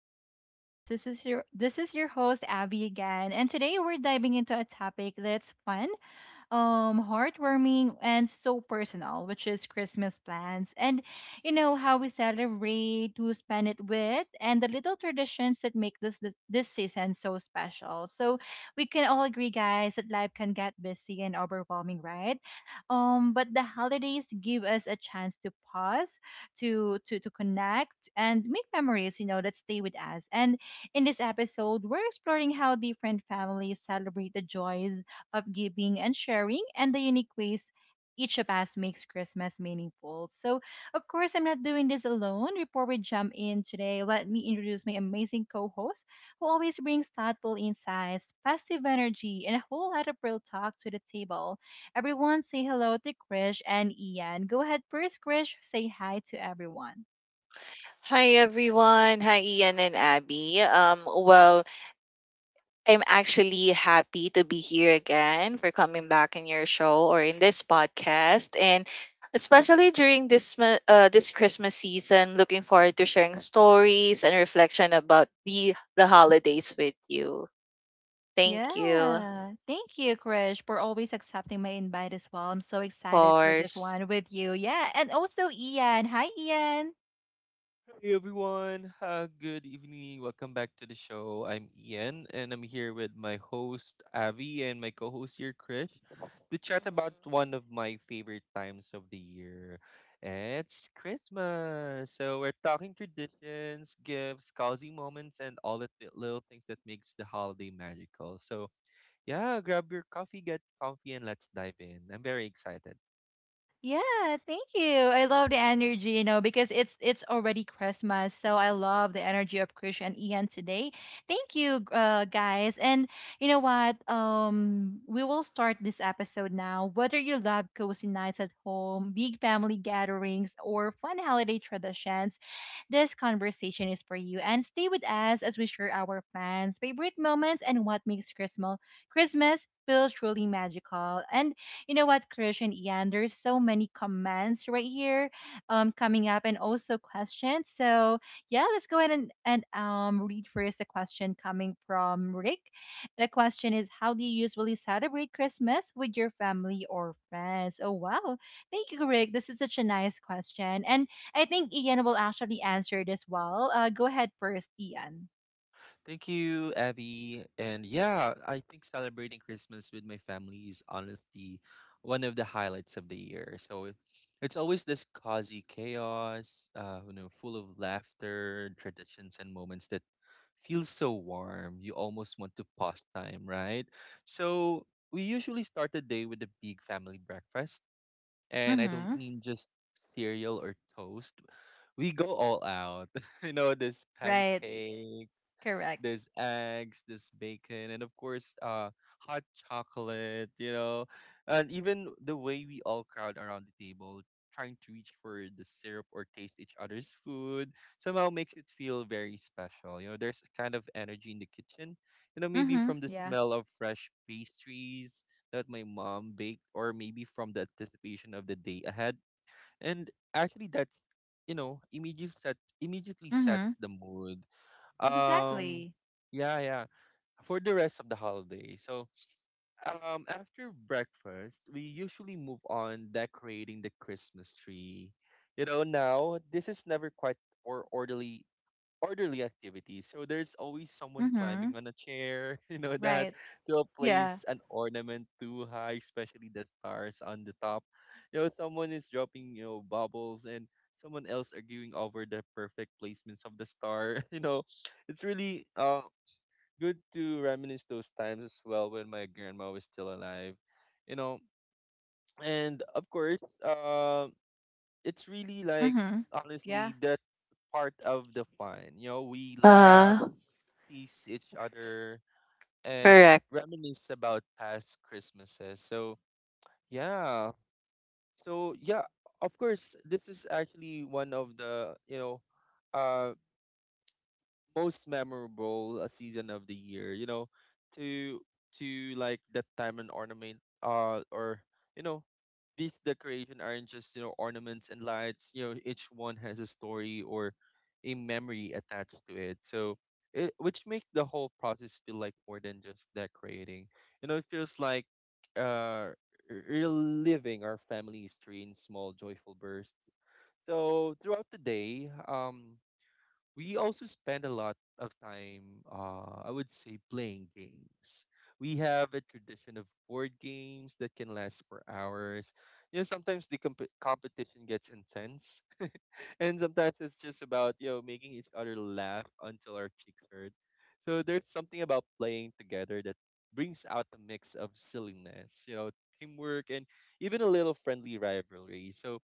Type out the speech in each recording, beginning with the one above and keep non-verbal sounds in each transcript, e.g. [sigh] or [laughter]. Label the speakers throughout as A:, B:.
A: Abby Babs. This is your host Abby again, and today we're diving into a topic that's fun, heartwarming and so personal, which is Christmas plans, and you know how we celebrate, who spend it with, and the little traditions that make this season so special. So we can all agree, guys, that life can get busy and overwhelming, right? But the holidays give us a chance to pause, to connect and make memories, you know, that stay with us. And in this episode, we're exploring how different families celebrate the joys of giving and sharing, and the unique ways each of us makes Christmas meaningful. So, of course, I'm not doing this alone. Before we jump in today, let me introduce my amazing co host, who always brings thoughtful insights, positive energy, and a whole lot of real talk to the table. Everyone, say hello to Krish and Ian. Go ahead first, Krish. Say hi to everyone.
B: Hi everyone. Hi Ian and Abby. I'm actually happy to be here again for coming back in your show or in this podcast and especially during this Christmas season, looking forward to sharing stories and reflection about the holidays with you. Thank you. Of
A: Yeah. Thank you, Krish, for always accepting my invite as well. I'm so excited for this
B: course.
A: one with you. Yeah. And also Ian. Hi, Ian.
C: Hey everyone, good evening. Welcome back to the show. I'm Ian and I'm here with my host Avi and my co host here, Krish, to chat about
B: Mm-hmm.
C: one of my favorite times of the year. It's Christmas. So we're talking traditions, gifts, cozy moments, and all the little things that makes the holiday magical. So yeah, grab your coffee, get comfy, and let's dive in. I'm very excited.
A: Yeah, thank you. I love the energy, you know, because it's already Christmas, so I love the energy of Krish and Ian today. Thank you, guys. And you know what? We will start this episode now. Whether you love cozy nights at home, big family gatherings, or fun holiday traditions, this conversation is for you. And stay with us as we share our plans, favorite moments, and what makes Christmas feel truly magical. And you know what, Krish and Ian, there's so many comments right here, coming up, and also questions. So yeah, let's go ahead and read first a question coming from Rick. The question is, how do you usually celebrate Christmas with your family or friends? Oh wow, thank you, Rick. This is such a nice question, and I think Ian will actually answer this well. Go ahead first, Ian.
C: Thank you, Abby. And yeah, I think celebrating Christmas with my family is honestly one of the highlights of the year. So it's always this cozy chaos, you know, full of laughter, traditions, and moments that feel so warm. You almost want to pause time, right? So we usually start the day with a big family breakfast, and I don't
A: Mm-hmm.
C: mean just cereal or toast. We go all out. [laughs] You know, this
A: Right.
C: pancake,
A: Correct.
C: there's eggs, there's bacon, and of course, hot chocolate. You know, and even the way we all crowd around the table, trying to reach for the syrup or taste each other's food, somehow makes it feel very special. You know, there's a kind of energy in the kitchen. You know, maybe
A: Mm-hmm.
C: from the
A: Yeah.
C: smell of fresh pastries that my mom baked, or maybe from the anticipation of the day ahead. And actually, that's, you know, immediately
A: Mm-hmm.
C: sets the mood, um,
A: Exactly.
C: yeah, yeah. For the rest of the holiday. So, after breakfast, we usually move on decorating the Christmas tree. You know, now this is never quite or orderly activities. So there's always someone
A: Mm-hmm.
C: climbing on a chair, [laughs] you know, that
A: Right.
C: to
A: Yeah.
C: place an ornament too high, especially the stars on the top. You know, someone is dropping, you know, bubbles and someone else arguing over the perfect placements of the star. [laughs] You know, it's really good to reminisce those times as well when my grandma was still alive. You know, and of course, it's really like
A: Mhm. Yeah.
C: honestly that's part of the fun. You know, we
A: Right.
C: laugh, tease each other and reminisce about past Christmases. So yeah. So yeah, of course this is actually one of the, you know, uh, most memorable season of the year, you know, to to like that time and ornament or, you know, these decoration aren't just, you know, ornaments and lights. You know, each one has a story or a memory attached to it, so it which makes the whole process feel like more than just decorating. You know, it feels like uh reliving our family history in small joyful bursts. So throughout the day, we also spend a lot of time, I would say, playing games. We have a tradition of board games that can last for hours. You know, sometimes the competition gets intense, [laughs] and sometimes it's just about, you know, making each other laugh until our cheeks hurt. So there's something about playing together that brings out a mix of silliness, you know, teamwork, and even a little friendly rivalry. So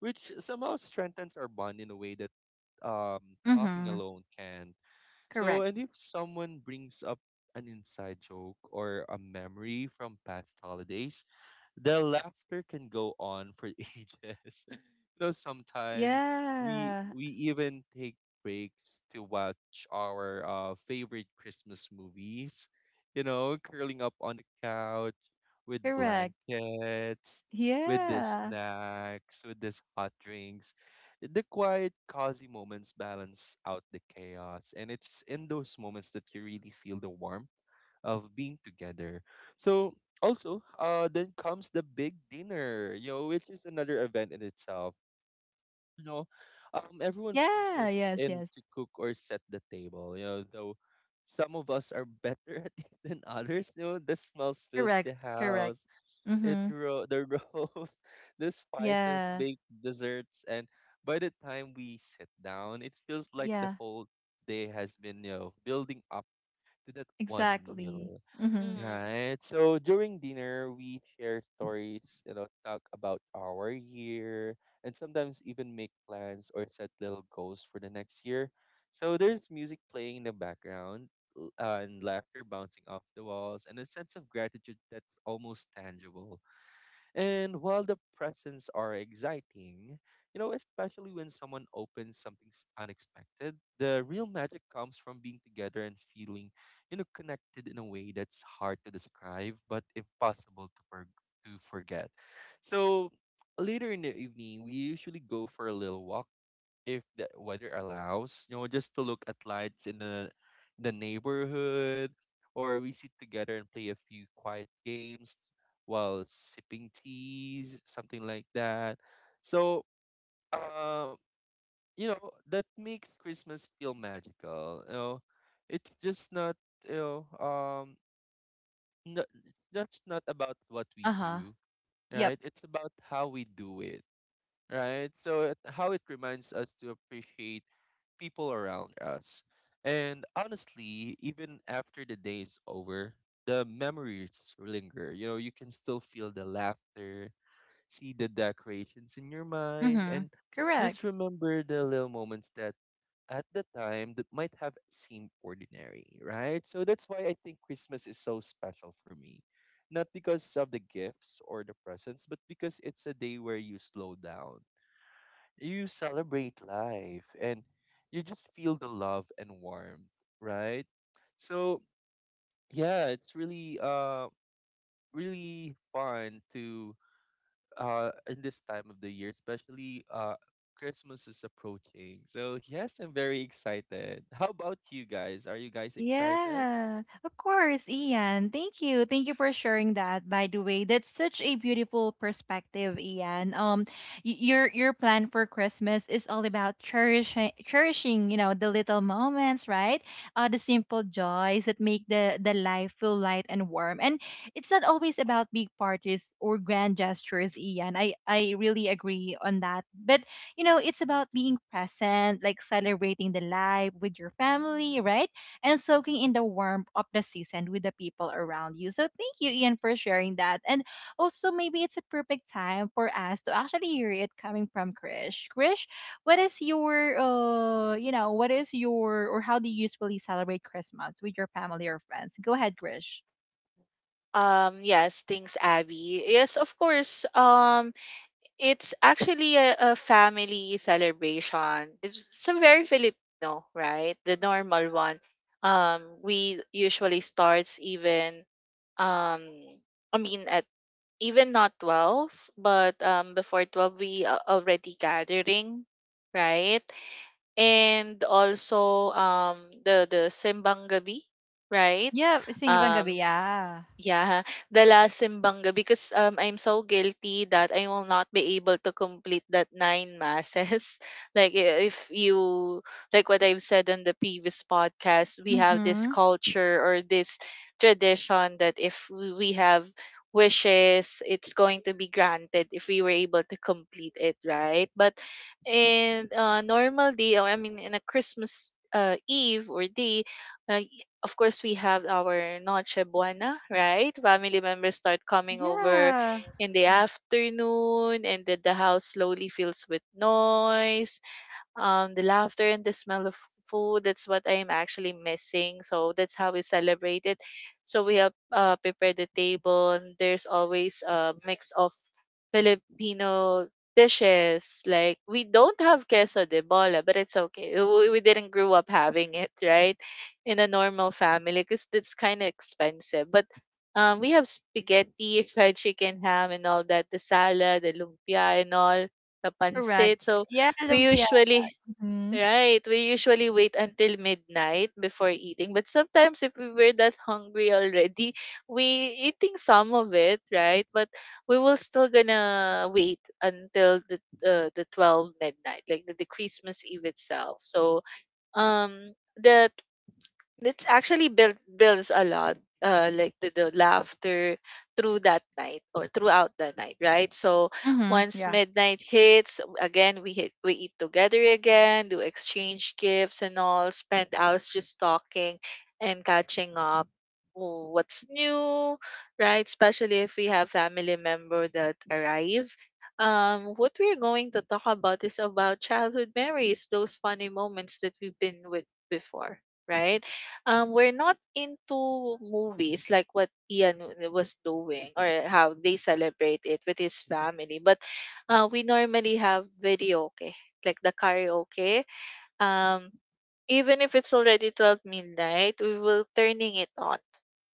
C: which somehow strengthens our bond in a way that talking
A: Mhm.
C: alone can. So,
A: Correct.
C: and if someone brings up an inside joke or a memory from past holidays, the laughter can go on for [laughs] ages. [laughs] You know, sometimes we
A: Yeah.
C: we even take breaks to watch our favorite Christmas movies. You know, curling up on the couch with
A: Correct.
C: blankets, with the
A: Yeah.
C: snacks, with this hot drinks. The quiet, cozy moments balance out the chaos, and it's in those moments that you really feel the warmth of being together. So also, then comes the big dinner, you know, which is another event in itself. You know, everyone
A: Yeah.
C: pitches
A: Yes.
C: in
A: Yes.
C: to cook or set the table. You know, though some of us are better [laughs] at it than others. You know, the smells fills
A: Correct.
C: the
A: Correct.
C: house.
A: Mhm.
C: The roast, [laughs] the spices,
A: Yeah.
C: baked desserts, and by the time we sit down, it feels like the
A: Yeah.
C: whole day has been, you know, building up to that one
A: Exactly.
C: meal.
A: Mhm.
C: Right. So during dinner, we share stories, you know, talk about our year, and sometimes even make plans or set little goals for the next year. So there's music playing in the background, and laughter bouncing off the walls, and a sense of gratitude that's almost tangible. And while the presents are exciting, you know, especially when someone opens something unexpected, the real magic comes from being together and feeling, you know, connected in a way that's hard to describe but to forget. So later in the evening, we usually go for a little walk if the weather allows, you know, just to look at lights in the neighborhood, or we sit together and play a few quiet games while sipping teas, something like that. So, uh, you know, that makes Christmas feel magical. You know, it's just not you know um no, it's just not about what we
A: Uh huh.
C: do,
A: Yep.
C: right? It's about how we do it, right? So it, how it reminds us to appreciate people around us. And honestly, even after the day is over, the memories linger. You know, you can still feel the laughter, see the decorations in your mind,
A: Mhm.
C: and
A: Correct.
C: just remember the little moments that at the time that might have seemed ordinary, right? So that's why I think Christmas is so special for me. Not because of the gifts or the presents, but because it's a day where you slow down, you celebrate life and you just feel the love and warmth, right? So yeah, it's really really fun to in this time of the year, especially Christmas is approaching. So yes, I'm very excited. How about you guys? Are you guys excited?
A: Yeah, of course, Ian. Thank you. Thank you for sharing that. By the way, that's such a beautiful perspective, Ian. Your plan for Christmas is all about cherishing, you know, the little moments, right? The simple joys that make the life feel light and warm. And it's not always about big parties or grand gestures, Ian. I really agree on that. But you know, it's about being present, like celebrating the life with your family, right? And soaking in the warmth of the season with the people around you. So thank you, Ian, for sharing that. And also, maybe it's a perfect time for us to actually hear it coming from Krish. Krish, what is your, you know, what is your, or how do you usually celebrate Christmas with your family or friends? Go ahead, Krish. Yeah, sinigang gabi, yeah. Mm-hmm. Yeah, correct. Yeah, lumpia. Mm-hmm. Mm-hmm. Yeah.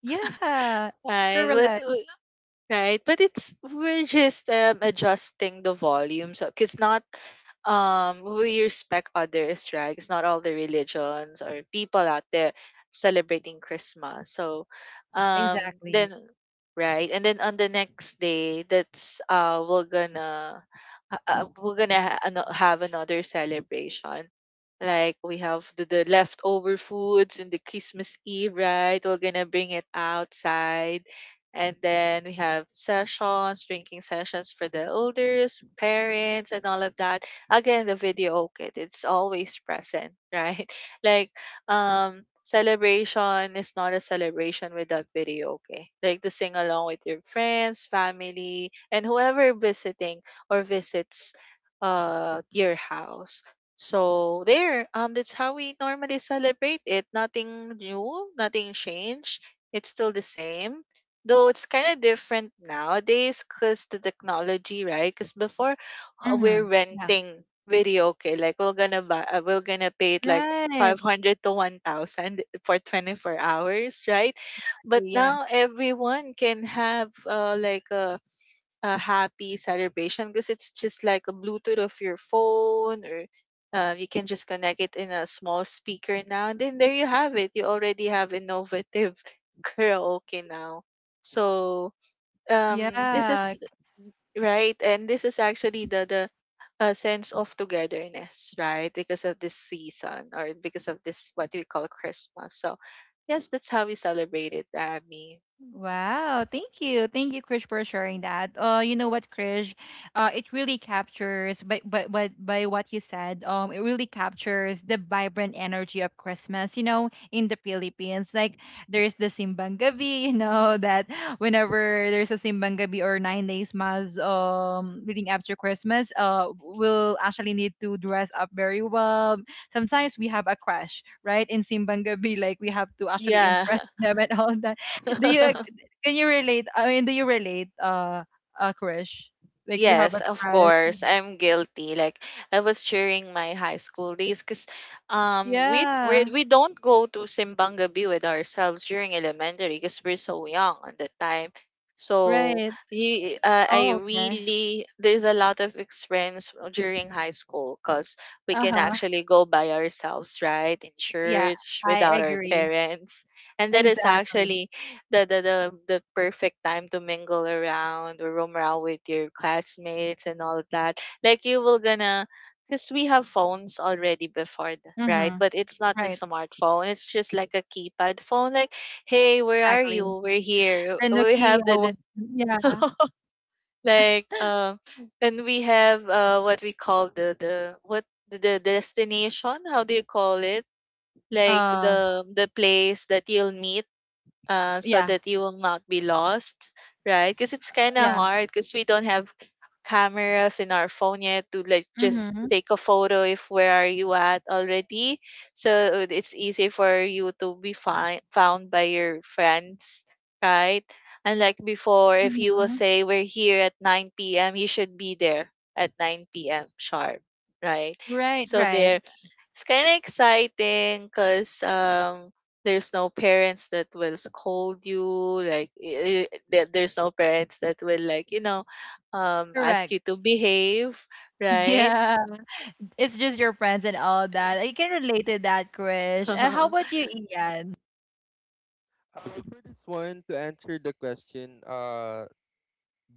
A: Yeah, correct. Exactly. Mm-hmm. Right. Yeah. Yeah. Wow, thank you. Thank you, Krish, for sharing that. You know what, Krish? It really captures by but by what you said, it really captures the vibrant energy of Christmas, you know, in the Philippines. Like there's the Simbang Gabi, [laughs] you know, that whenever there's a Simbang Gabi or 9 days mass leading up to Christmas, we'll actually need to dress up very well. Sometimes we have a crush, right? In Simbang Gabi, like we have to actually [laughs] impress them and all that. do you ag- can you relate? I mean, do you relate? A crush, like you have a crush. Yeah, right. Oh, okay. Uh huh. Yeah, I agree. Exactly. Mm-hmm. Right. Exactly. The Nokia one. Yeah. Uh. Yeah. Yeah. Mm-hmm. Mm-hmm. Right. Right. Correct. [laughs] Yeah. It's just your friends and all that. I can relate to that, Krish. And how about you, Ian?
C: For this one, to answer the question,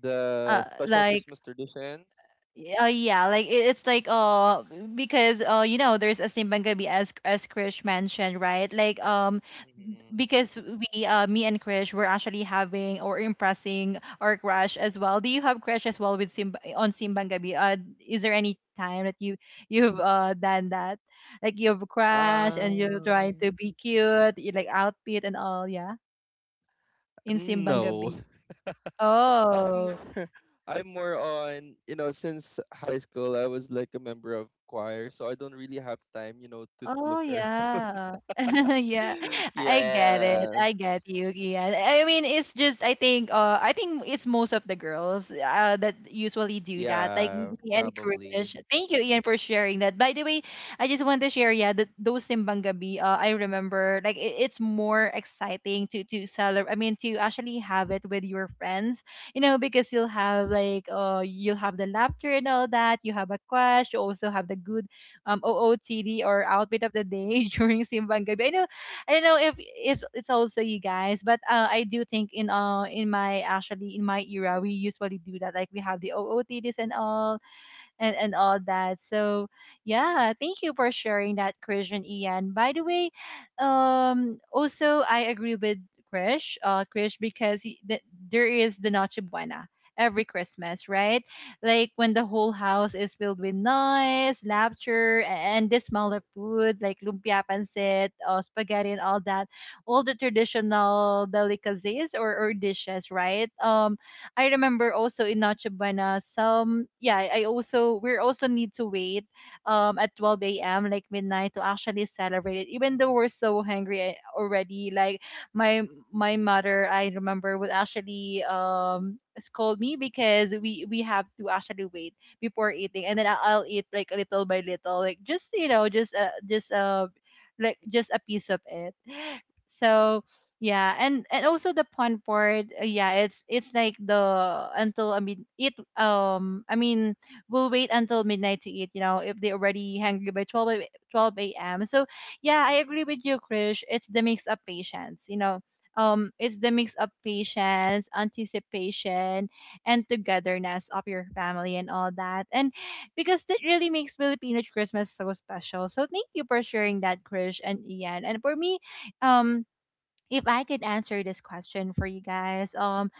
C: the special
A: Like
C: Christmas traditions.
A: Yeah, like it's like because you know there's a Simbang Gabi, as Krish mentioned, right? Like
C: Mm-hmm.
A: because we me and Krish were actually having or impressing our crush as well. Do you have crush as well with Simba on Simbang Gabi? Is there any time that you've done that? Like you've crushed and you're trying to
C: Um,
A: be cute, you like outfit and all, yeah, in Simbang
C: no.
A: Gabi.
C: [laughs] I'm
A: Oh.
C: more, [laughs] I'm more on, you know, since high school, I was like a member of choir, so I don't really have time, you know, to
A: Oh
C: look around.
A: yeah. [laughs] Yeah.
C: [laughs]
A: I get it. I get
C: Yes.
A: you. Yeah. I mean, it's just I think it's most of the girls that usually do that. Like
C: Yeah,
A: me and
C: probably.
A: Krish. Thank you, Ian, for sharing that. By the way, I just want to share, yeah, that those Simbang Gabi, I remember like it's more exciting to celebrate, I mean to actually have it with your friends, you know, because you'll have like you'll have the laughter and all that, you have a crush, you also have the good OOTD or outfit of the day, [laughs] during Simbang Gabi. I know, I don't know if it's also you guys, but I do think in my, actually, in my era we usually do that. Like we have the OOTDs and all and all that. So yeah, thank you for sharing that, Krish and Ian. By the way, also I agree with Krish, because there is the Noche Buena every Christmas, right? Like when the whole house is filled with noise, laughter, and the smell of food like lumpia, pancit, spaghetti, and all that, all the traditional delicacies or dishes, right? I remember also in Noche Buena, some yeah, I also we also need to wait at 12 a.m., like midnight, to actually celebrate it. Even though we're so hungry already, like my my mother, I remember, would actually scold me because we have to actually wait before eating, and then I'll eat like little by little, like just you know just like just a piece of it. So yeah, and also the pun part, yeah, it's like the until I mean eat I mean we'll wait until midnight to eat, you know, if they're already hungry by 12 a.m. So yeah, I agree with you, Krish. It's the mix of patience, you know. It's the mix of patience, anticipation, and togetherness of your family and all that. And because that really makes Filipino Christmas so special. So thank you for sharing that, Krish and Ian. And for me, um, if I could answer this question for you guys,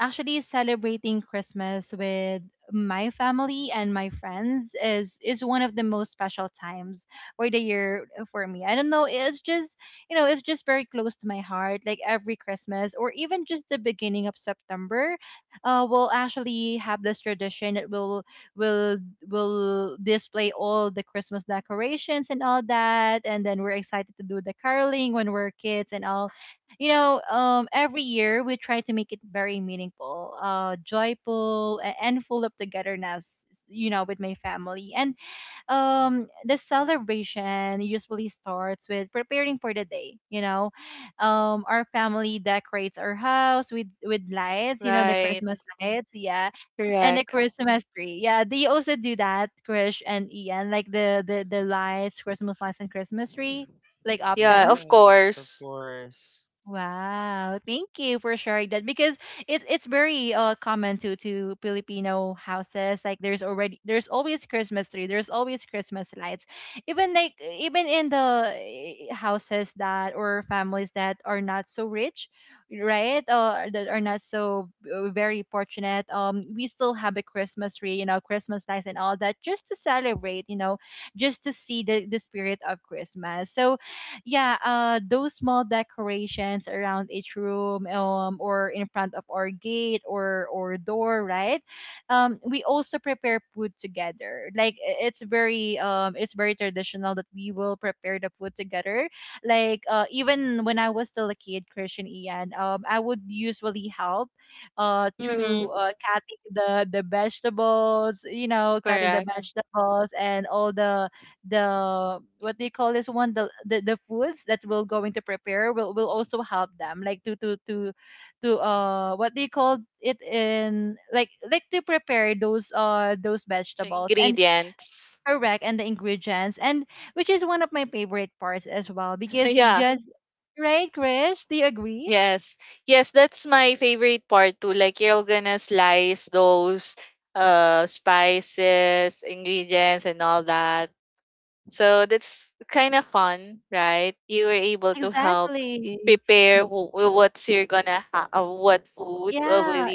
A: actually celebrating Christmas with my family and my friends is one of the most special times for the year for me. I don't know, it's just you know, it's just very close to my heart. Like every Christmas, or even just the beginning of September, we'll actually have this tradition that will will display all the Christmas decorations and all that, and then we're excited to do the caroling when we're kids and all, you know. Um, every year we try to make it very meaningful, joyful, and full of togetherness. You know, with my family. And the celebration usually starts with preparing for the day. You know, our family decorates our house with lights. You know, the Christmas lights, yeah, and the Christmas tree. Yeah, they also do that, Krish and Ian, like the lights, Christmas lights, and Christmas tree, like often.
C: Yes, of course.
A: Wow, thank you for sharing that because it's very common to Filipino houses, like there's already there's always Christmas tree, there's always Christmas lights. Even like even in the eh, houses that or families that are not so rich, right? Uh, that are not so very fortunate, we still have a Christmas tree, you know, Christmas lights and all that, just to celebrate, you know, just to see the spirit of Christmas. So yeah, those small decorations around each room, or in front of our gate or door, right? We also prepare food together. Like it's very traditional that we will prepare the food together. Like even when I was still a kid, Christian Ian, I would usually help, to cutting the vegetables, you know, cutting the vegetables and all the what they call this one the foods that we're going to prepare will also help them like to what they call it in like to prepare those those vegetables and correct and the ingredients, and which is one of my favorite parts as well because it just right, Krish, do you agree? Exactly. Yeah,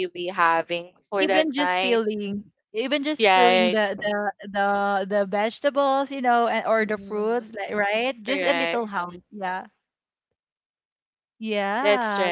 A: even just peeling, even just peeling the vegetables, you know, and or the fruits like, right, just a little help. Yeah. Yeah.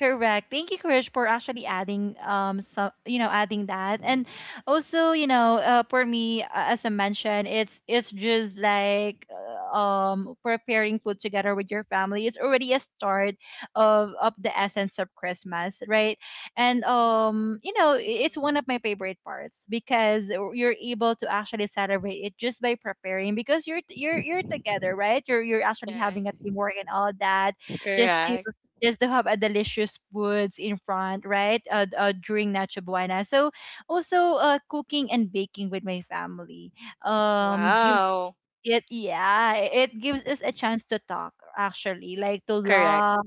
A: Correct. Thank you, Krish, for actually adding some adding that, and also you know for me as I mentioned, it's just like preparing food together with your family. It's already a start of the essence of Christmas, right? And it's one of my favorite parts because you're able to actually celebrate it just by preparing because you're together, right? You're actually having a teamwork and all that just to just to have a delicious foods in front, right? During Nacho Buena. So also cooking and baking with my family gives it, yeah, it gives us a chance to talk actually, like to love,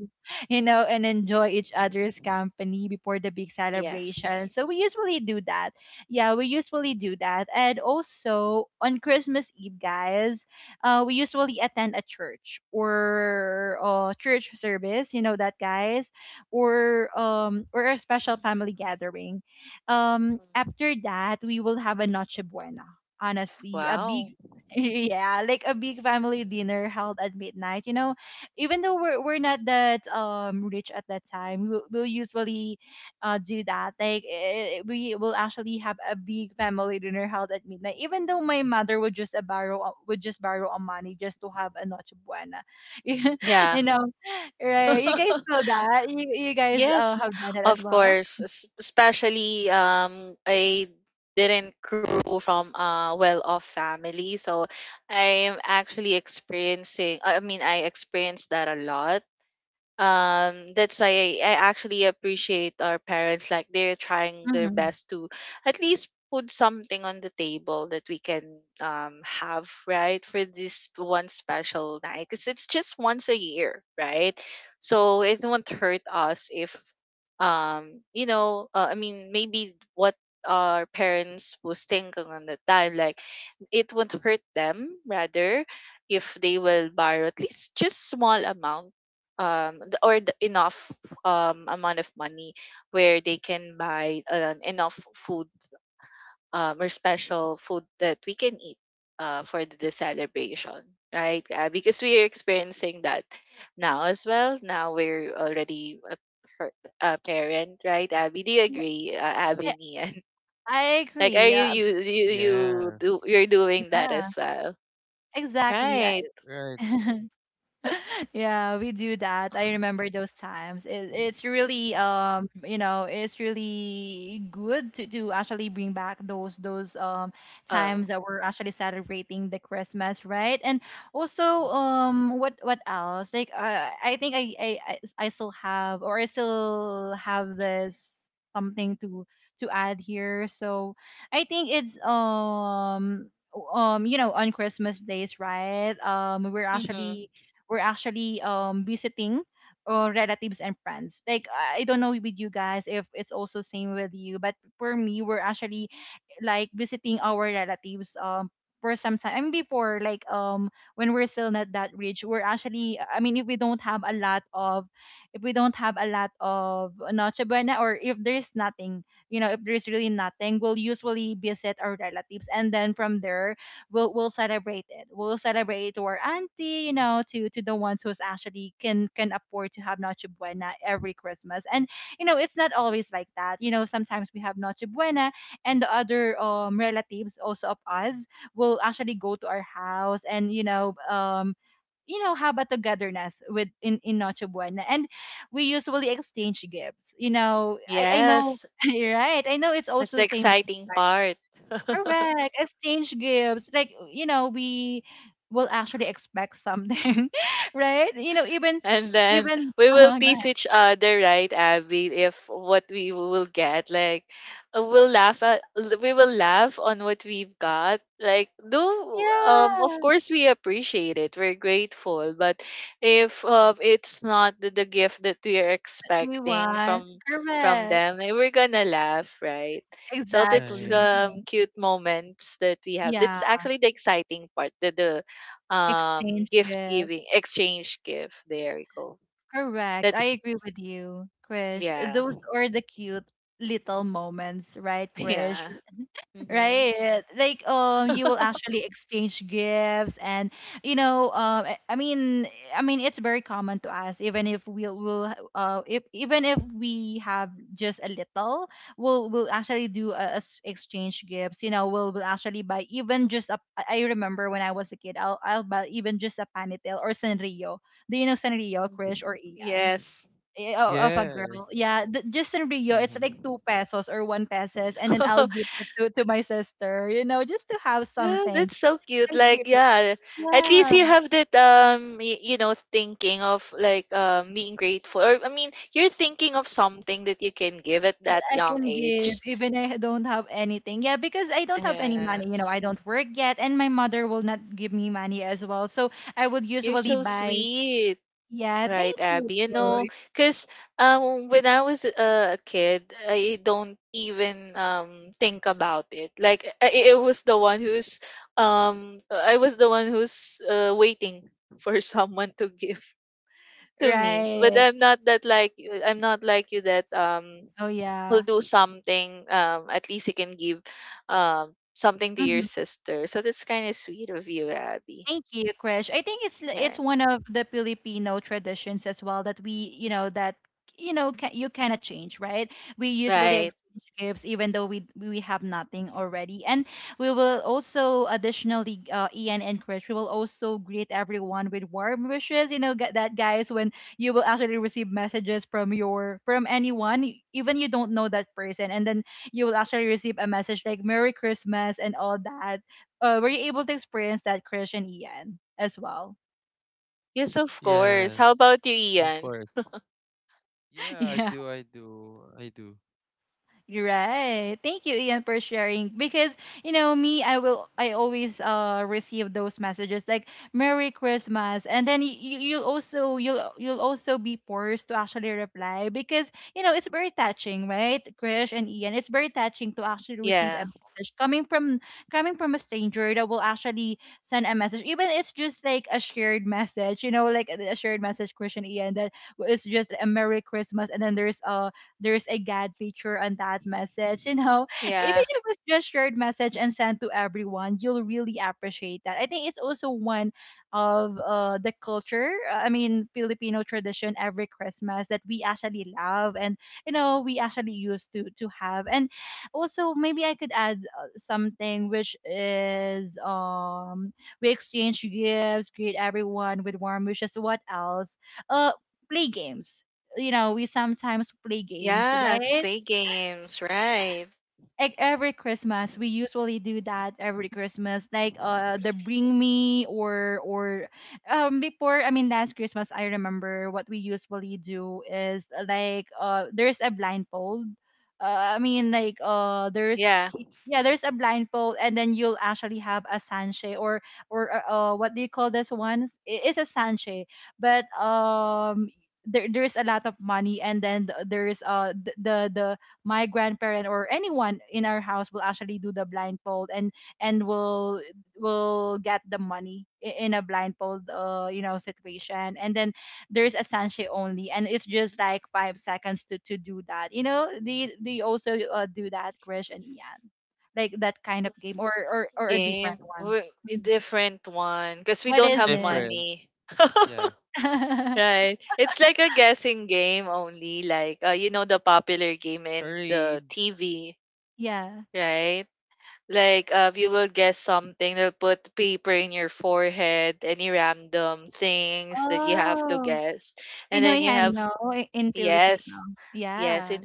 A: you know, and enjoy each other's company before the big celebration. So we usually do that. Yeah, we usually do that. And also on Christmas Eve, guys, we usually attend a church or church service, you know that guys, or a special family gathering. After that, we will have a Noche Buena, honestly, a big. [laughs] Yeah, like a big family dinner held at midnight. You know, even though we're not that rich at that time, we'll usually do that. Like we will actually have a big family dinner held at midnight. Even though my mother would just would just borrow a money just to have a noche buena. [laughs] You know, right? You guys know that. You guys have done that as well. Hmm. Yeah, I, I agree.
C: Yes.
A: Yeah, exactly. I
C: Right,
A: [laughs] [laughs] yeah, we do that. I remember those times. It's really you know it's really good to actually bring back those those times that we're actually celebrating the Christmas, right? And also what else? Like I think I I still have or I still have this something to add here. So I think it's you know on Christmas days, right? We're actually visiting relatives and friends. Like I don't know with you guys if it's also same with you, but for me, we're actually like visiting our relatives for some time. I mean, before like when we're still not that rich, we're actually I mean if we don't have a lot of noche buena or if there's nothing, you know, if there's really nothing, we'll usually visit our relatives and then from there we'll celebrate it. We'll celebrate to our auntie, you know, to the ones who's actually can afford to have noche buena every Christmas. And you know, it's not always like that. You know, sometimes we have noche buena, and the other relatives also of us will actually go to our house and you know have a togetherness with in Noche Buena, and we usually exchange gifts, you know. I know. [laughs] Right, I know it's also the same with. Correct. Exchange gifts. Like, you know, we will actually expect something, [laughs] right? You know, even, even, go ahead. Yeah, we want. Correct. Exactly.
C: right.
A: Yeah. Exchange gifts. Correct. I agree with you, Krish. Those are the cute little moments, right, Krish? Right. Like you will actually exchange gifts and you know I mean it's very common to us even if we'll, we'll if even if we have just a little we'll actually do a, exchange gifts, you know, we'll actually buy even just a I remember when I was a kid I'll buy even just a panitel or Sanrio. Do you know Sanrio, Krish or Ian? Of a girl.
C: Yes.
A: Yeah, just in Rio, it's
C: Mm-hmm.
A: like 2 pesos or 1 pesos, and then I'll give it to my sister. You know, just to have something. I give. Yeah, that I can give, even I don't have anything. Yeah, because I don't have any money. You know, I don't work yet, and my mother will not give me money as well. So I would usually buy. Yeah, thank you. Right. Oh yeah. Mm-hmm. Thank you, Krish. I think it's one of the Filipino traditions as well that we, you know, that you know, ca you cannot change, right? We usually exchange gifts even though we have nothing already, and we will also additionally, Ian and Krish, we will also greet everyone with warm wishes. You know, get that guys when you will actually receive messages from your from anyone, even you don't know that person, and then you will actually receive a message like Merry Christmas and all that, were you able to experience that, Krish and Ian, as well?
C: Yes. Of course.
A: [laughs]
C: Yeah, I
A: Yeah.
C: do, I do, I do.
A: You're right. Thank you, Ian, for sharing. Because you know me, I will. I always receive those messages like "Merry Christmas," and then you'll also be forced to actually reply because you know it's very touching, right, Krish and Ian? It's very touching to actually receive a message coming from a stranger that will actually send a message, even it's just like a shared message, you know, like a shared message, Krish and Ian, that it's just a Merry Christmas, and then there's a God picture on that message. You know, [laughs] even if it's just shared message and sent to everyone, you'll really appreciate that. I think it's also one of the culture. I mean, Filipino tradition every Christmas that we actually love, and you know, we actually used to have. And also, maybe I could add something, which is we exchange gifts, greet everyone with warm wishes. What else? Uh, Play games, you know, we sometimes play games, right? Like every Christmas, we usually do that every Christmas, like the bring me or or before, I mean, last Christmas, I remember what we usually do is like there's a blindfold. I mean, like there's, yeah, there's a blindfold, and then you'll actually have a sanche or what do you call this one? It's a sanche, but there, there's a lot of money, and then there's the my grandparent or anyone in our house will actually do the blindfold, and and will will get the money in a blindfold you know situation, and then there's a sanche only, and it's just like 5 seconds to do that, you know? Do you also do that, Krish and Ian, like that kind of game, or or a different one? Mhm. What is it?
C: Different. Yeah.
A: [laughs]
C: Charade.
A: Yeah. Oh, pinoy heno, in filipino. Yeah.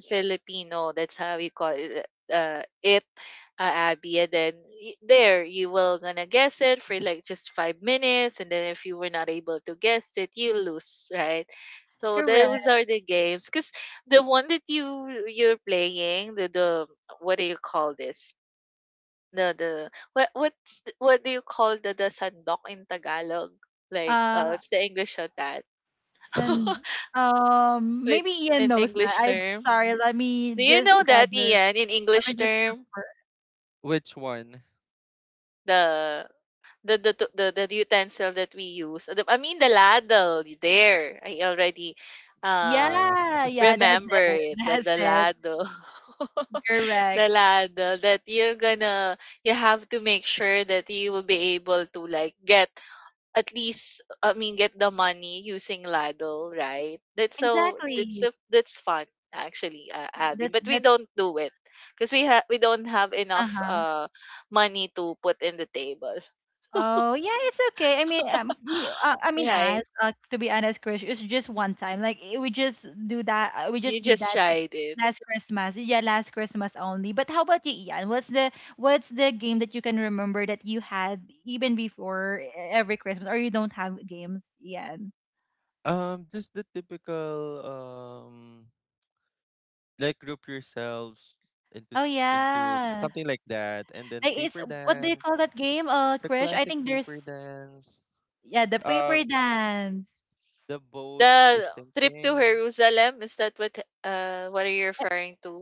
A: Correct. uh san. Maybe Ian knows that I. Sorry, let me just gather. Let me just.
C: Which one? Uh,
A: Yeah,
C: [laughs]
A: yeah, that's it. [laughs] That's it. Correct.
C: hmm,
A: Exactly. That's that's. Uh-huh. Oh yeah, it's okay. I mean, me, I mean, as to be honest, Krish, it's just one time. Like we just do that. We just did that like last Christmas. Yeah, last Christmas only. But how about you, Ian? What's the game that you can remember that you had even before every Christmas, or you don't have games, Ian?
C: just the typical, like group yourselves into
A: Oh
C: into
A: yeah,
C: something like that, and then
A: like it's,
C: paper
A: what do you
C: dance,
A: call that game,
C: the
A: Krish? I
C: classic
A: think there's,
C: paper dance.
A: yeah, the paper
C: Um,
A: dance.
C: the boat is sinking.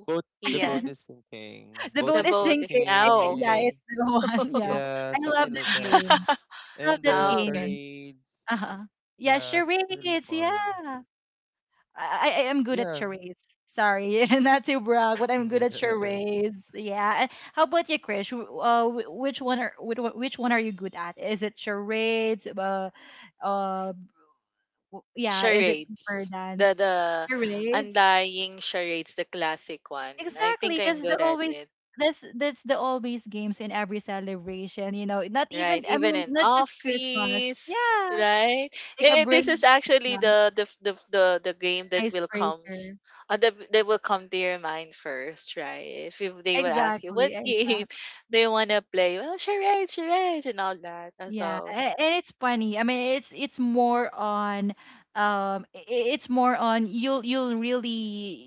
C: Boat, the boat
A: [laughs]
C: is sinking.
A: The
C: Boat
A: boat
C: is
A: is sinking. I think, yeah,
C: sinking.
A: it's the [laughs] one. Yeah.
C: Yeah,
A: I love
C: something like
A: that
C: that.
A: game. Love
C: And
A: that
C: the
A: game.
C: charades.
A: Uh-huh. Yeah,
C: Yeah, it's really
A: charades.
C: fun.
A: Yeah. I am good at
C: Yeah.
A: charades. Sorry, [laughs] not to brag, but I'm good at
C: [laughs]
A: charades. Yeah. How about you, Krish? Which one are you good at? Is it charades? Uh, yeah. Is it paper dance? Charades. Exactly. That's the always, that's the always games in every celebration, you know. Not even, I mean, not just Christmas. Yeah. Like a break, yeah, icebreaker. Exactly, exactly. Yeah, and it's funny. I mean, it's more on, um, i- i- it's more on, you'll you'll really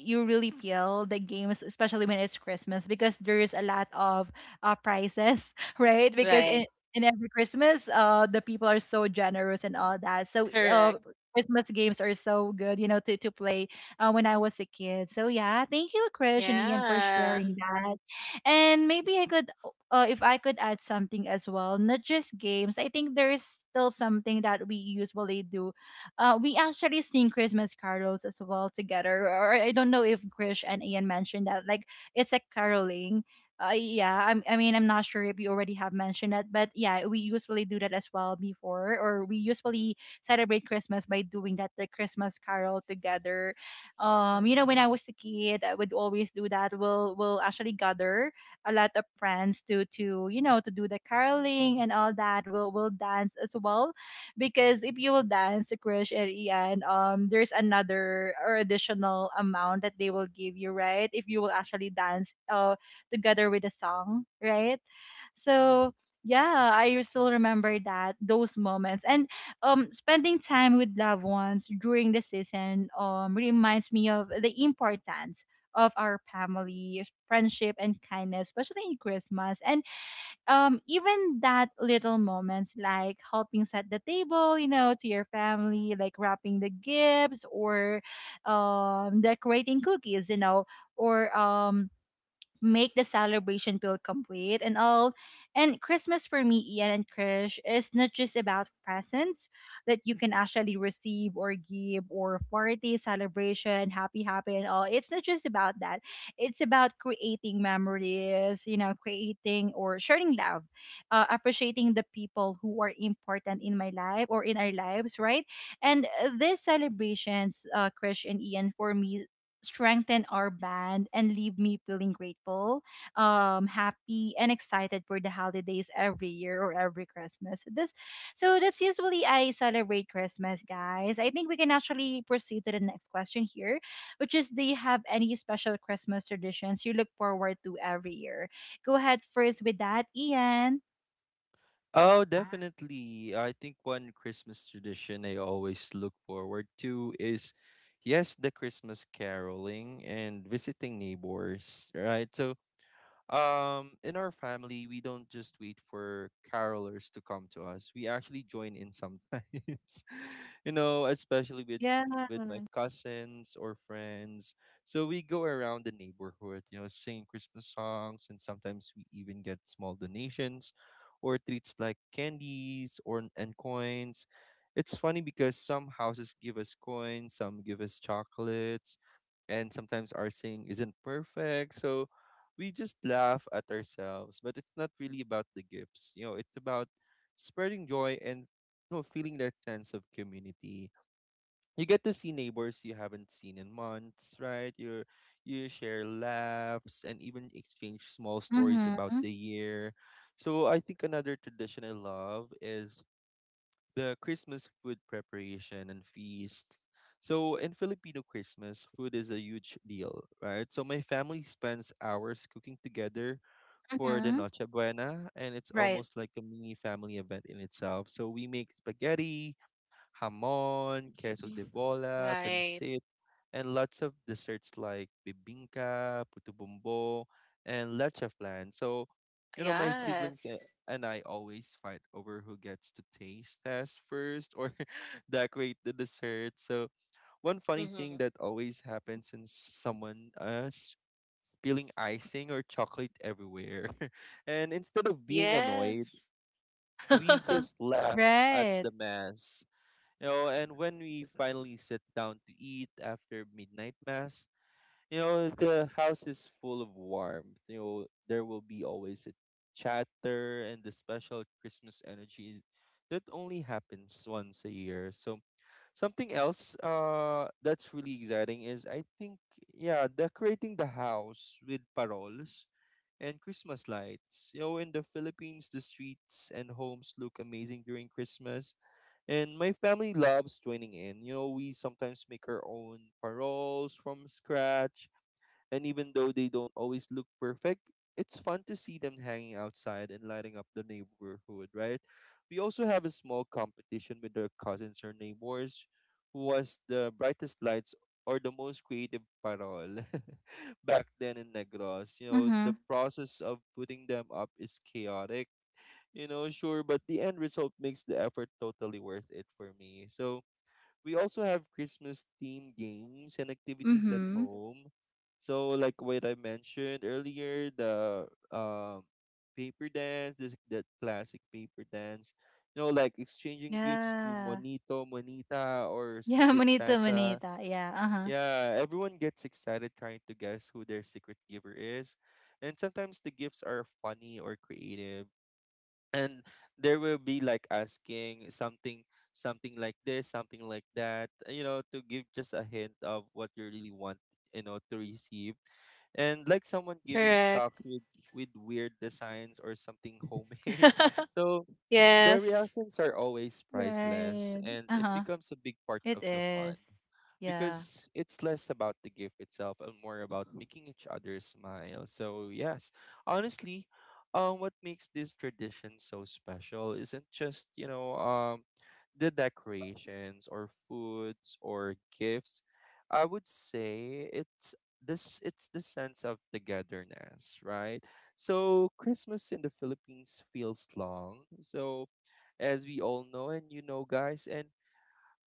A: you really feel the games, especially when it's Christmas, because there is a lot of prizes, [laughs] right? Because in every Christmas, the people are so generous and all that. So, Christmas games are so good, to play when I was a kid. So yeah, thank you, Krish and Ian, for sharing that. And maybe I could if I could add something as well, not just games, I think there is still something that we usually do. We actually sing Christmas carols as well together. Or I don't know if Grish and Ian mentioned that. Like it's a caroling. I mean, I'm not sure if you already have mentioned that, but yeah, we usually do that as well before, or we usually celebrate Christmas by doing that, the Christmas carol together. When I was a kid, I would always do that. We'll actually gather a lot of friends to to do the caroling and all that. We'll will dance as well, because if you will dance, Krish and Ian, there's another or additional amount that they will give you, right? If you will actually dance together with the song, right? So yeah, I still remember that those moments, and spending time with loved ones during the season reminds me of the importance of our family, friendship and kindness, especially in Christmas. And even that little moments like helping set the table, you know, to your family, like wrapping the gifts or decorating cookies, you know, or make the celebration feel complete and all. And Christmas for me, Ian and Krish, is not just about presents that you can actually receive or give or party, celebration, happy, happy, and all. It's not just about that. It's about creating memories, you know, creating or sharing love, appreciating the people who are important in my life or in our lives, right? And these celebrations, Krish and Ian, for me, strengthen our band and leave me feeling grateful, happy and excited for the holidays every year or every Christmas. This so that's usually I celebrate Christmas, guys. I think we can actually proceed to the next question here, which is, do you have any special Christmas traditions you look forward to every year? Go ahead first with that, Ian.
C: Oh, definitely. I think one Christmas tradition I always look forward to is, yes, the Christmas caroling and visiting neighbors, right? So in our family, we don't just wait for carolers to come to us. We actually join in sometimes, [laughs] you know, especially with
A: Yeah.
C: my cousins or friends. So we go around the neighborhood, you know, singing Christmas songs, and sometimes we even get small donations or treats like candies or and coins. It's funny because some houses give us coins, some give us chocolates, and sometimes our singing isn't perfect. So we just laugh at ourselves, but it's not really about the gifts. You know, it's about spreading joy and, you know, feeling that sense of community. You get to see neighbors you haven't seen in months, right? You share laughs and even exchange small stories about
A: Mm-hmm.
C: the year. So I think another tradition I love is the Christmas food preparation and feasts. So in Filipino Christmas, food is a huge deal, right? So my family spends hours cooking together for the
A: Mm-hmm.
C: Noche Buena, and it's
A: Right.
C: almost like a mini family event in itself. So we make spaghetti, Hamon, queso de bola, pancit, and lots of desserts like bibingka, puto bumbong, and leche flan. So, you know, and I always fight over who gets to taste test first or [laughs] decorate the dessert. So, one funny thing that always happens when someone spilling icing or chocolate everywhere. [laughs] And instead of being annoyed, we just laugh at
A: Right.
C: the mess. You know, and when we finally sit down to eat after midnight mass, you know, the house is full of warmth. You know, there will be always a chatter and the special that only happens once a year. So something else that's really exciting is I think yeah, decorating the house with paroles and Christmas lights. You know, in the Philippines, the streets and homes look amazing during Christmas and my family loves joining in. You know, we sometimes make our own paroles from scratch. And even though they don't always look perfect, it's fun to see them hanging outside and lighting up the neighborhood, right? We also have a small competition with our cousins or neighbors who was the brightest lights or the most creative parole [laughs] back then in Negros. You know, the
A: Mm-hmm.
C: process of putting them up is chaotic, you know, sure, but the end result makes the effort totally worth it for me. So we also have Christmas themed games and activities at
A: Mm-hmm.
C: home. So like what I mentioned earlier, the paper dance, this that classic paper dance. You know, like exchanging gifts through
A: Yeah.
C: Monito, Monita, or
A: [laughs] Yeah,
C: Secret
A: Monito
C: Santa.
A: manita. Yeah, uh-huh.
C: Yeah, everyone gets excited trying to guess who their secret giver is. And sometimes the gifts are funny or creative and there will be like asking something something like this something like that, you know, to give just a hint of what you really want, you know, to receive, and like someone giving socks with weird designs or something homemade [laughs] so the reactions are always priceless,
A: Right.
C: and it
A: Uh-huh.
C: becomes a big part
A: It
C: of the
A: is.
C: fun
A: Yeah.
C: because it's less about the gift itself and more about making each other smile. So, yes, honestly, what makes this tradition so special isn't just, the decorations or foods or gifts. I would say it's this it's the sense of togetherness, right? So Christmas in the Philippines feels long. So as we all know, and you know, guys. And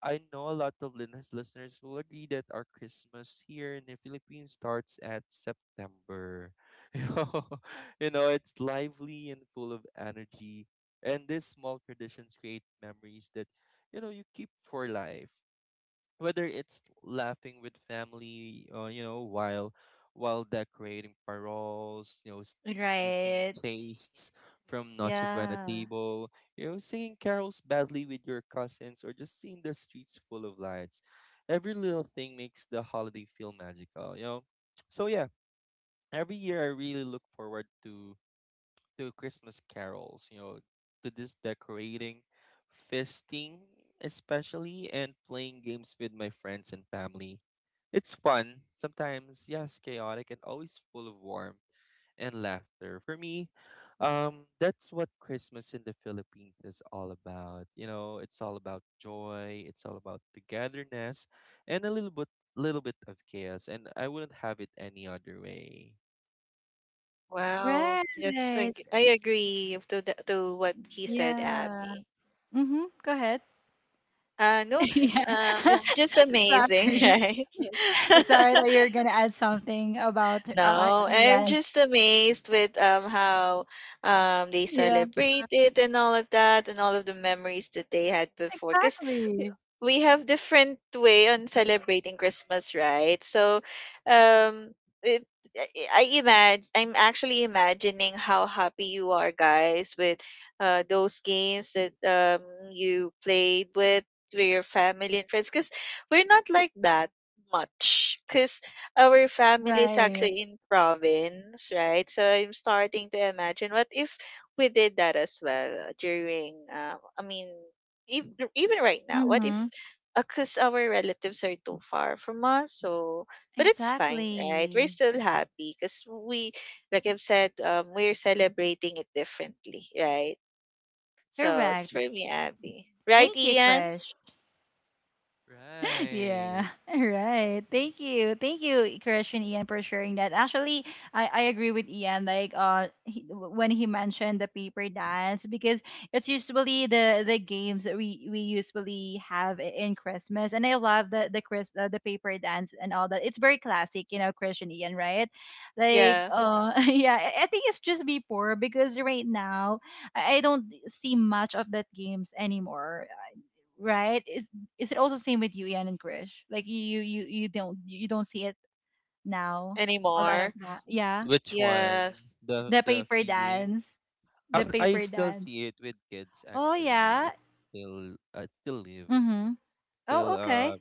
C: I know a lot of Linus listeners will agree that our Christmas here in the Philippines starts at September. [laughs] You know, you know, it's lively and full of energy. And these small traditions create memories that, you know, you keep for life, whether it's laughing with family you know, while decorating paroles, you know, sneaking
A: Right.
C: tastes from noche buena
A: Yeah.
C: table, you know, singing carols badly with your cousins, or just seeing the streets full of lights. Every little thing makes the holiday feel magical, you know. So yeah, every year I really look forward to Christmas carols, you know, to this decorating, feasting, especially, and playing games with my friends and family. It's fun, sometimes, yes, chaotic, and always full of warmth and laughter. For me, that's what Christmas in the Philippines is all about. You know, it's all about joy, it's all about togetherness, and a little bit of chaos. And I wouldn't have it any other way.
A: Right. Yeah. Mm-hmm. Go ahead. [laughs] Yeah. [laughs] Sorry. [laughs] Sorry that you're gonna add something about Ian's. Yeah. Exactly. Right. Mm-hmm. Exactly. Correct. Thank you, Krish. [laughs]
C: Right.
A: Yeah, all right. Thank you. Thank you, Christian Ian, for sharing that. Actually, I agree with Ian, like when he mentioned the paper dance, because it's usually the games that we usually have in Christmas. And I love the paper dance and all that. It's very classic, you know, Christian Ian, right? Like [laughs] yeah, I think it's just before because right now I don't see much of that games anymore, right? Is it also same with you, Ian and Krish? Like you don't you don't see it now. A lot of no. That, yeah.
C: Which one? The
A: The
C: the
A: paper
C: feeling?
A: dance, the
C: I
A: paper
C: still
A: dance.
C: see it with kids
A: Oh
C: actually.
A: yeah.
C: It's still live.
A: Mm-hmm.
C: Still
A: Oh okay,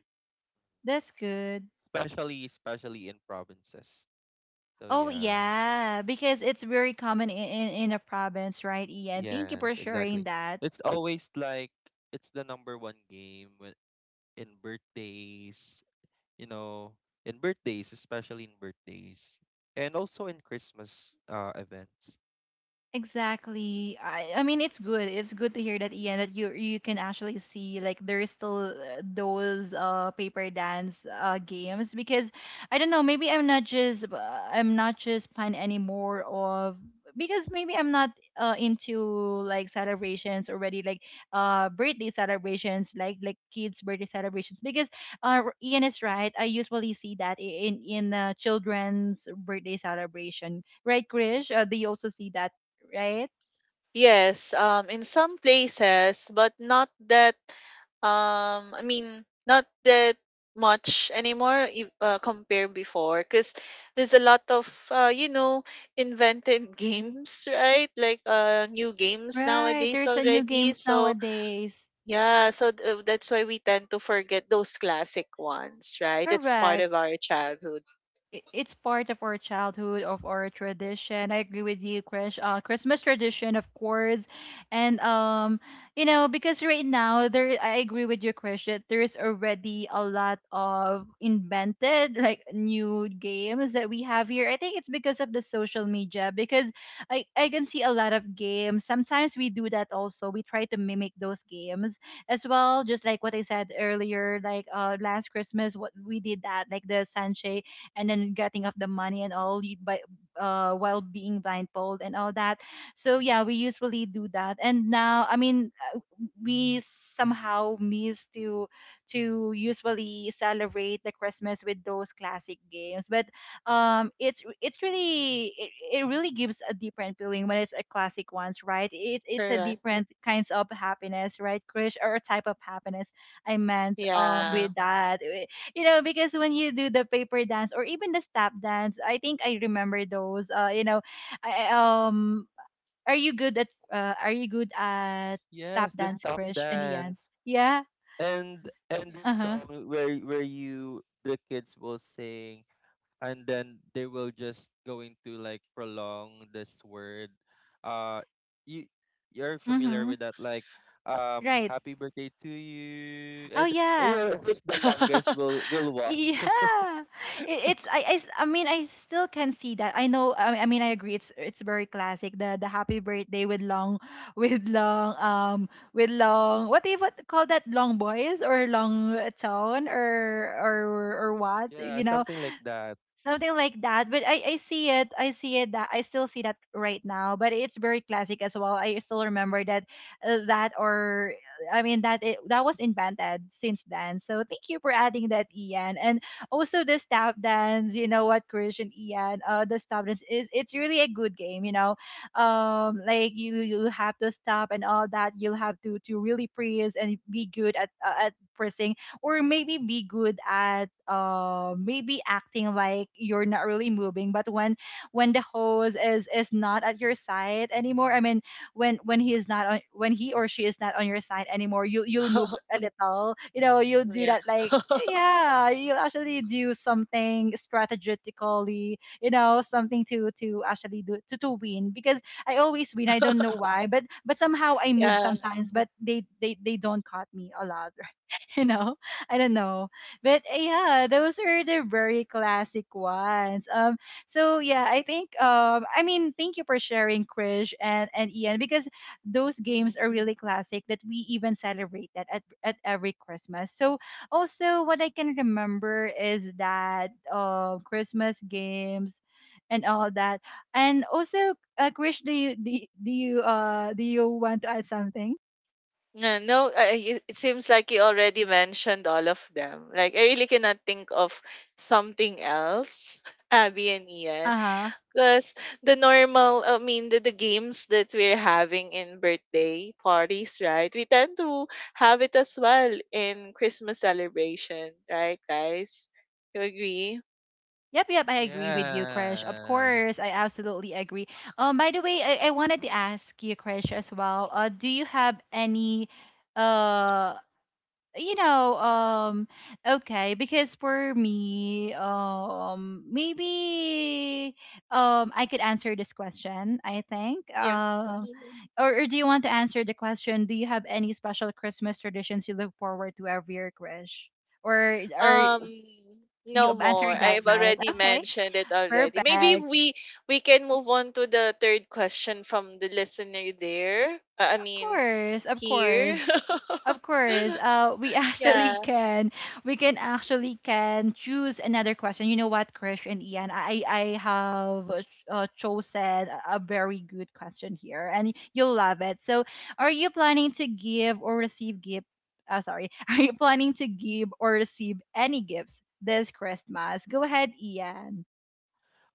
A: that's good.
C: especially especially in provinces. So
A: Oh
C: yeah.
A: yeah, because it's very common in in a province, right, Ian? Thank you for
C: Yes,
A: sharing
C: exactly.
A: that.
C: It's always like it's the number one game when in birthdays, you know, in birthdays, especially in birthdays. And also in Christmas events.
A: Exactly. I mean, it's good. It's good to hear that, Ian, that you can actually see like there is still those paper dance games because I don't know, maybe I'm not just fan anymore of, because maybe I'm not into like celebrations already like birthday celebrations like kids birthday celebrations because Ian is right. I usually see that in children's birthday celebration, right, Krish? Do you also see that? Right? Right. There's a new games nowadays. Correct. It's part of our childhood, of our tradition. I agree with you, Chris. Christmas tradition, of course, and you know, because right now there, I agree with you, Chris, that there's already a lot of invented like new games that we have here. I think it's because of the social media, because I can see a lot of games, sometimes we do that also, we try to mimic those games as well, just like what I said earlier, like last Christmas what we did that, like the sanche, and then getting off the money and all by while being blindfold and all that. So yeah, we usually do that. And now, I mean, we somehow miss to usually celebrate the Christmas with those classic games. But it's it really gives a different feeling when it's a classic ones, right? It's a different kinds of happiness, right, Krish? Or a type of happiness, I meant, with that. You know, because when you do the paper dance or even the step dance, I think I remember those, you know. I, I- um are you good at are you good at step
C: Yes, the
A: dance,
C: stop
A: Krish? In the end.
C: dance.
A: Yeah.
C: And this
A: Uh-huh.
C: song where you the kids will sing, and then they will just going to like prolong this word, uh you you're familiar
A: Mm-hmm.
C: with that, like,
A: Right.
C: happy birthday to you,
A: Oh
C: and you
A: yeah.
C: know, who's the longest will what. [laughs]
A: Yeah, it, it's I s- I mean I still can see that. I know. I mean, I agree. It's very classic. The happy birthday with long, [laughs] with long with long, what do you what call that, long boys or long tone or or what,
C: Yeah,
A: you know.
C: something like that.
A: Something like that. But I see it, I see it that I still see that right now, but it's very classic as well. I still remember that, that, or I mean, that was invented since then. So thank you for adding that, Ian. And also the stop dance, you know what, Christian Ian, the stop dance is, it's really a good game, you know. Like you have to stop and all that. You'll have to really freeze and be good at pressing, or maybe be good at maybe acting like you're not really moving, but when the host is not at your side anymore, I mean, when he is not on, when he or she is not on your side anymore, you'll move a little, you know, you'll do that like, yeah, you'll actually do something strategically, you know, something to actually do to win, because I always win, I don't know why, but somehow I move sometimes, but they don't cut me a lot. [laughs] You know, I don't know. But yeah, those are the very classic ones. So yeah, I think, I mean, thank you for sharing, Krish and Ian, because those games are really classic that we even celebrate that at every Christmas. So also what I can remember is that Christmas games and all that. And also, Krish, do you want to add something? Uh-huh. Yep, yep, I agree with you, Krish. Of
C: Yeah.
A: course, I absolutely agree. By the way, I wanted to ask you, Krish, as well. Do you have any, uh, you know, um, okay, because for me, maybe, I could answer this question, I think. Or do you want to answer the question? Do you have any special Christmas traditions you look forward to every year, Krish? Or you answered that, right? Okay. Perfect. Of course, of course. Of course. We [laughs] actually can, we can actually can choose another question. You know what, Krish and Ian, I have chosen a very good question here, and you'll love it. So, are you planning to give or receive gift, sorry, [laughs] are you planning to give or receive any gifts this Christmas? Go ahead, Ian.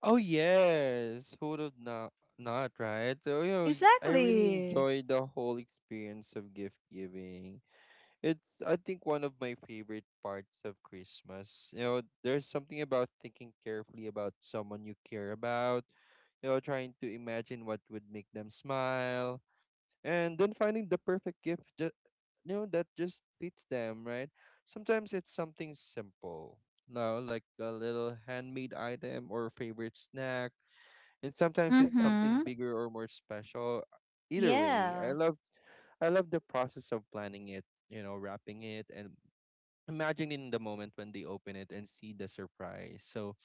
C: Oh yes, who would have not not right? So you know, I really
A: Exactly.
C: enjoyed the whole experience of gift giving. It's I think one of my favorite parts of Christmas. You know, there's something about thinking carefully about someone you care about, you know, trying to imagine what would make them smile, and then finding the perfect gift just, you know, that just fits them, right? Sometimes it's something simple. No, like a little handmade item or favorite snack, and sometimes it's something
A: Mhm.
C: bigger or more special. Either way, I
A: Yeah.
C: love I love the process of planning it, you know, wrapping it and imagining the moment when they open it and see the surprise. So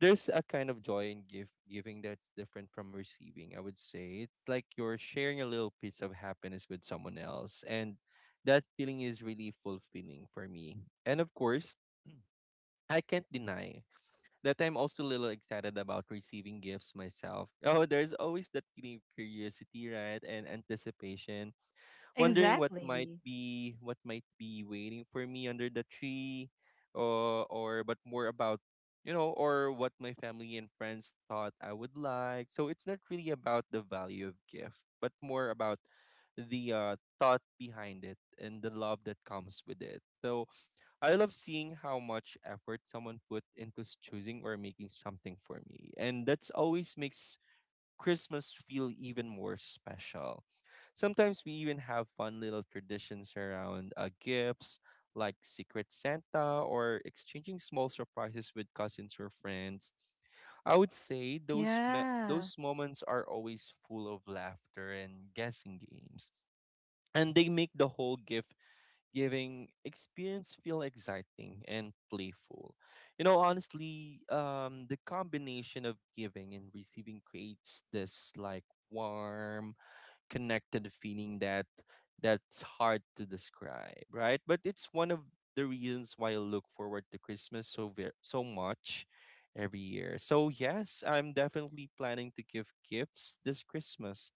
C: there's a kind of joy in give giving that's different from receiving, I would say. It's like you're sharing a little piece of happiness with someone else. And that feeling is really fulfilling for me. And of course, I can't deny that I'm also a little excited about receiving gifts myself. [laughs] Oh, there's always that feeling of curiosity, right? And anticipation, wondering
A: Exactly.
C: what might be waiting for me under the tree, or but more about, you know, or what my family and friends thought I would like. So it's not really about the value of gift but more about the thought behind it and the love that comes with it. So I love seeing how much effort someone put into choosing or making something for me, and that's always makes Christmas feel even more special. Sometimes we even have fun little traditions around gifts like Secret Santa or exchanging small surprises with cousins or friends. I would say those
A: Yeah.
C: those moments are always full of laughter and guessing games, and they make the whole gift giving experience feel exciting and playful. You know, honestly, the combination of giving and receiving creates this like warm, connected feeling that that's hard to describe, right? But it's one of the reasons why I look forward to Christmas so very so much every year. So yes, I'm definitely planning to give gifts this Christmas.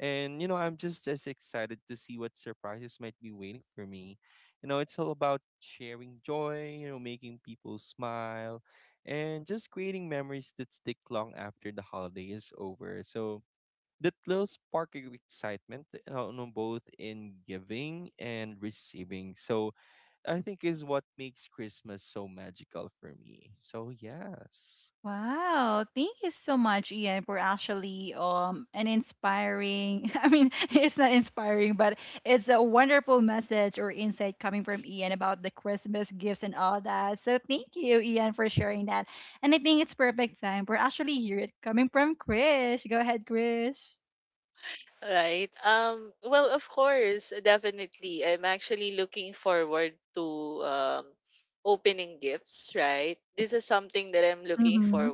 C: And you know, I'm just as excited to see what surprises might be waiting for me. You know, it's all about sharing joy, you know, making people smile, and just creating memories that stick long after the holiday is over. So, that little spark of excitement, no, both in giving and receiving. So I think is what makes Christmas so magical for me. So yes.
A: Wow. Thank you so much, Ian, for actually, an inspiring [laughs] I mean, it's not inspiring, but it's a wonderful message or insight coming from Ian about the Christmas gifts and all that. So thank you, Ian, for sharing that. And I think it's perfect time for actually hear it coming from Chris. Go ahead, Chris. Mm-hmm.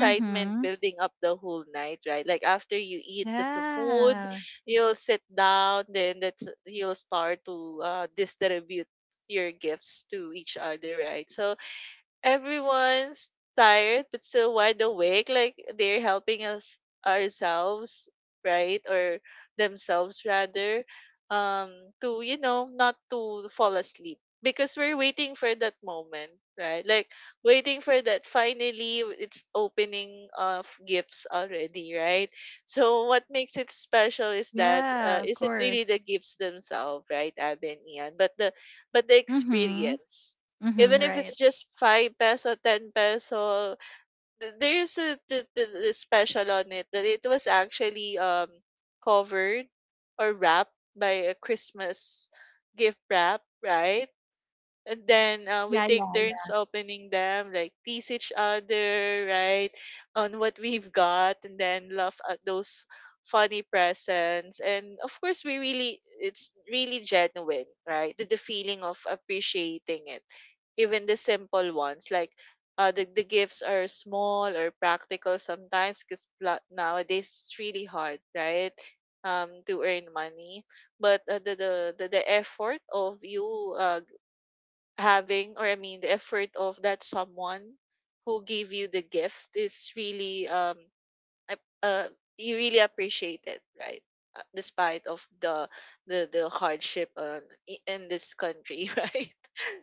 A: Mm-hmm. Yeah. Yeah, of course. Mm-hmm. Mm-hmm. Right. Yeah, yeah, yeah.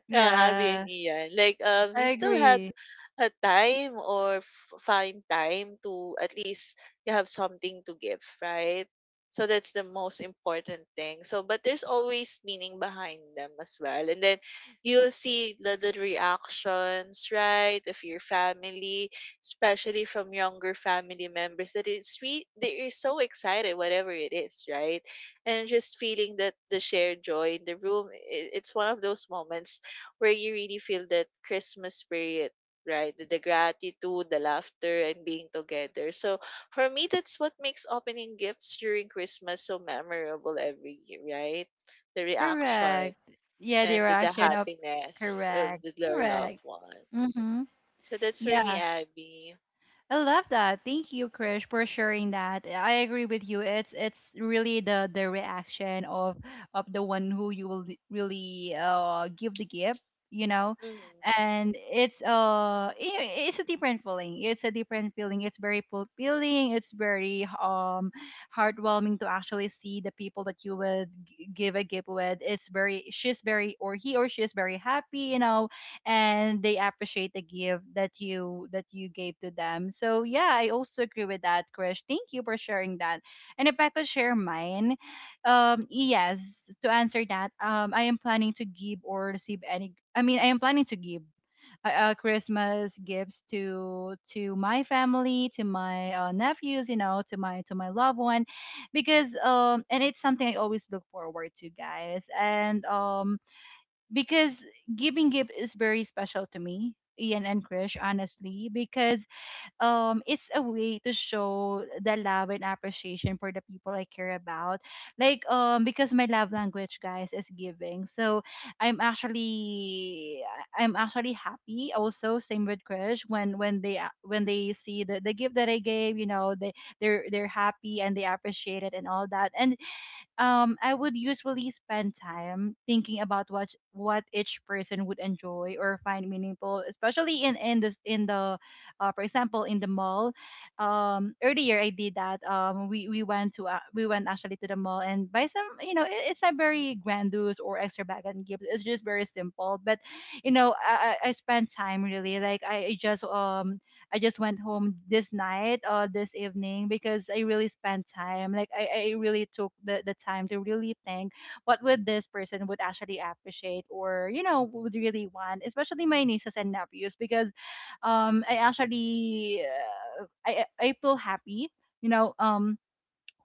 A: Yeah, I agree. Correct. Yeah, the reaction of, correct. Correct. Mm-hmm. Yeah. I love that. Thank you, Krish, for sharing that. I agree with you. It's really the reaction of the one who you will really give the gift, you know, and it's it's a different feeling. It's a different feeling. It's very fulfilling. It's very heartwarming to actually see the people that you would give a gift with. It's very she's very or he or she is very happy, and they appreciate the gift that you gave to them. So yeah, I also agree with that, Krish. Thank you for sharing that. And if I could share mine, yes, to answer that, I am planning to give or receive any. I mean, I am planning to give Christmas gifts to my family, to my nephews, to my loved one, because and it's something I always look forward to, guys. And because giving gift is very special to me, Ian and Krish, honestly, because it's a way to show the love and appreciation for the people I care about. Like, because my love language, guys, is giving. So I'm actually I'm actually happy also, same with Krish, when when they see the gift that I gave, they they're happy and they appreciate it and all that. And I would usually spend time thinking about what each person would enjoy or find meaningful, especially in this in the, for example, in the mall. Earlier I did that. We went to we went actually to the mall and buy some. You know, it's not very grandiose or extravagant gift. It's just very simple. But you know, I spent time really, like I just went home this night or this evening because I really spent time. Like I really took the time to really think what would this person would actually appreciate or, you know, would really want, especially my nieces and nephews, because I actually I feel happy, you know, um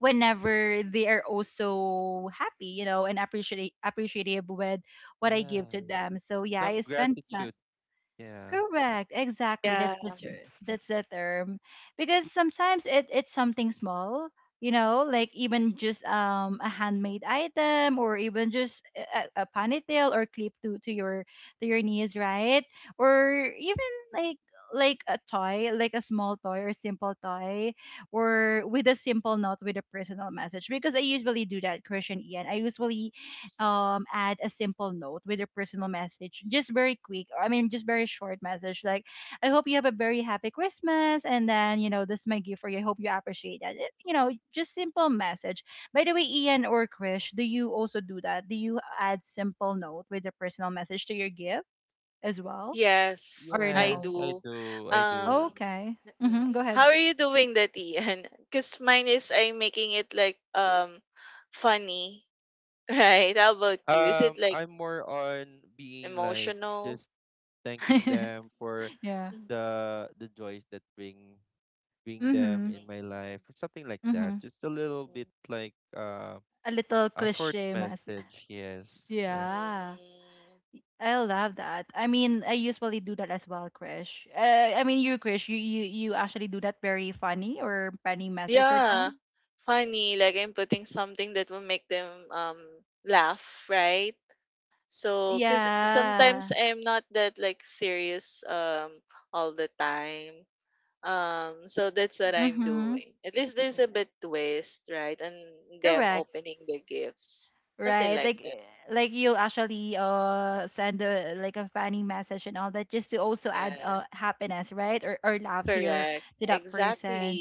A: whenever they are also happy, you know, and appreciate appreciative with what I
C: Yeah.
A: give to them. So yeah,
C: Some gratitude. Yeah.
A: Correct. Exactly. That's the term. Because sometimes it's something small, you know, like even just a handmade item or even just a ponytail or clip to your to your knees, right? Or even like like a toy, like a small toy or simple toy, or with a simple note with a personal message. Because I usually do that, Christian Ian. I usually add a simple note with a personal message, just very quick. I mean, just very short message, like, I hope you have a very happy Christmas, and then, you know, this is my gift for you, I hope you appreciate that. You know, just simple message. By the way, Ian or Krish, do you also do that? Do you add simple note with a personal message to your gift as well? Or no?
C: Yes, I do. I do.
A: Okay. Mm-hmm, go ahead.
C: I'm more on being like just thanking
A: [laughs]
C: them for
A: yeah.
C: the joys that bring them
A: Mm-hmm,
C: in my life or something like
A: mm-hmm.
C: that. Just a little bit like.
A: A little
C: A short
A: cliche mess.
C: message, yes, yes.
A: Yeah, I love that. I mean, I usually do that as well, Krish. I mean, you, Krish, you actually do that very funny or funny message or tone. Yeah. Mm-hmm. Correct. Right. Like you'll actually send a like a funny message and all that, just to also add happiness, right? Or laugh to your to that person.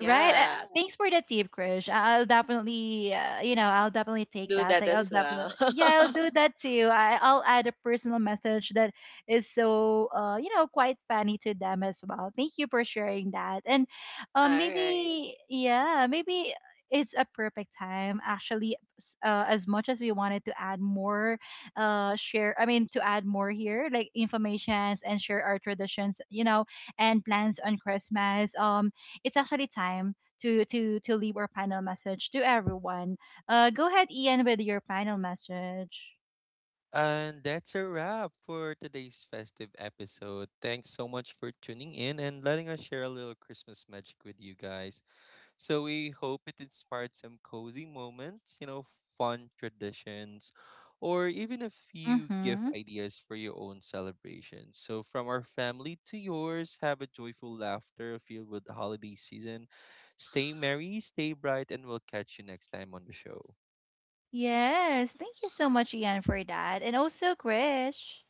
A: Right. Yeah, thanks for the tip, Krish. I'll definitely you know, I'll definitely take that. Like I'll definitely, yeah, I'll do [laughs] that too. I'll add a personal message that is so you know, quite funny to them as well. Thank you for sharing that. And maybe, yeah, maybe it's a perfect time actually, as much as we wanted to add more, share I mean to add more here, like informations and share our traditions, you know, and plans on Christmas. It's actually time to leave our final message to everyone. Go ahead, Ian, with your final message.
C: And that's a wrap for today's festive episode. Thanks so much for tuning in and letting us share a little Christmas magic with you guys. So we hope it inspired some cozy moments, you know, fun traditions, or even a few gift
A: Mm-hmm.
C: ideas for your own celebration. So from our family to yours, have a joyful laughter filled with the holiday season. Stay merry, stay bright, and we'll catch you next time on the show.
A: Yes, thank you so much, Ian, for that, and also Krish.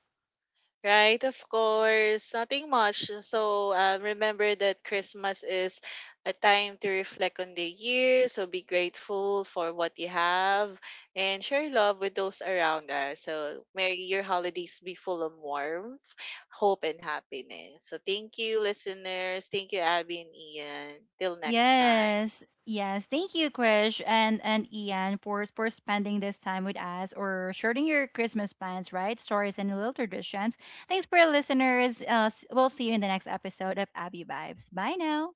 A: Yes, yes. Thank you, Krish and Ian for spending this time with us or sharing your Christmas plans, right? Stories and little traditions. Thanks for your listeners. We'll see you in the next episode of Abby Vibes. Bye now.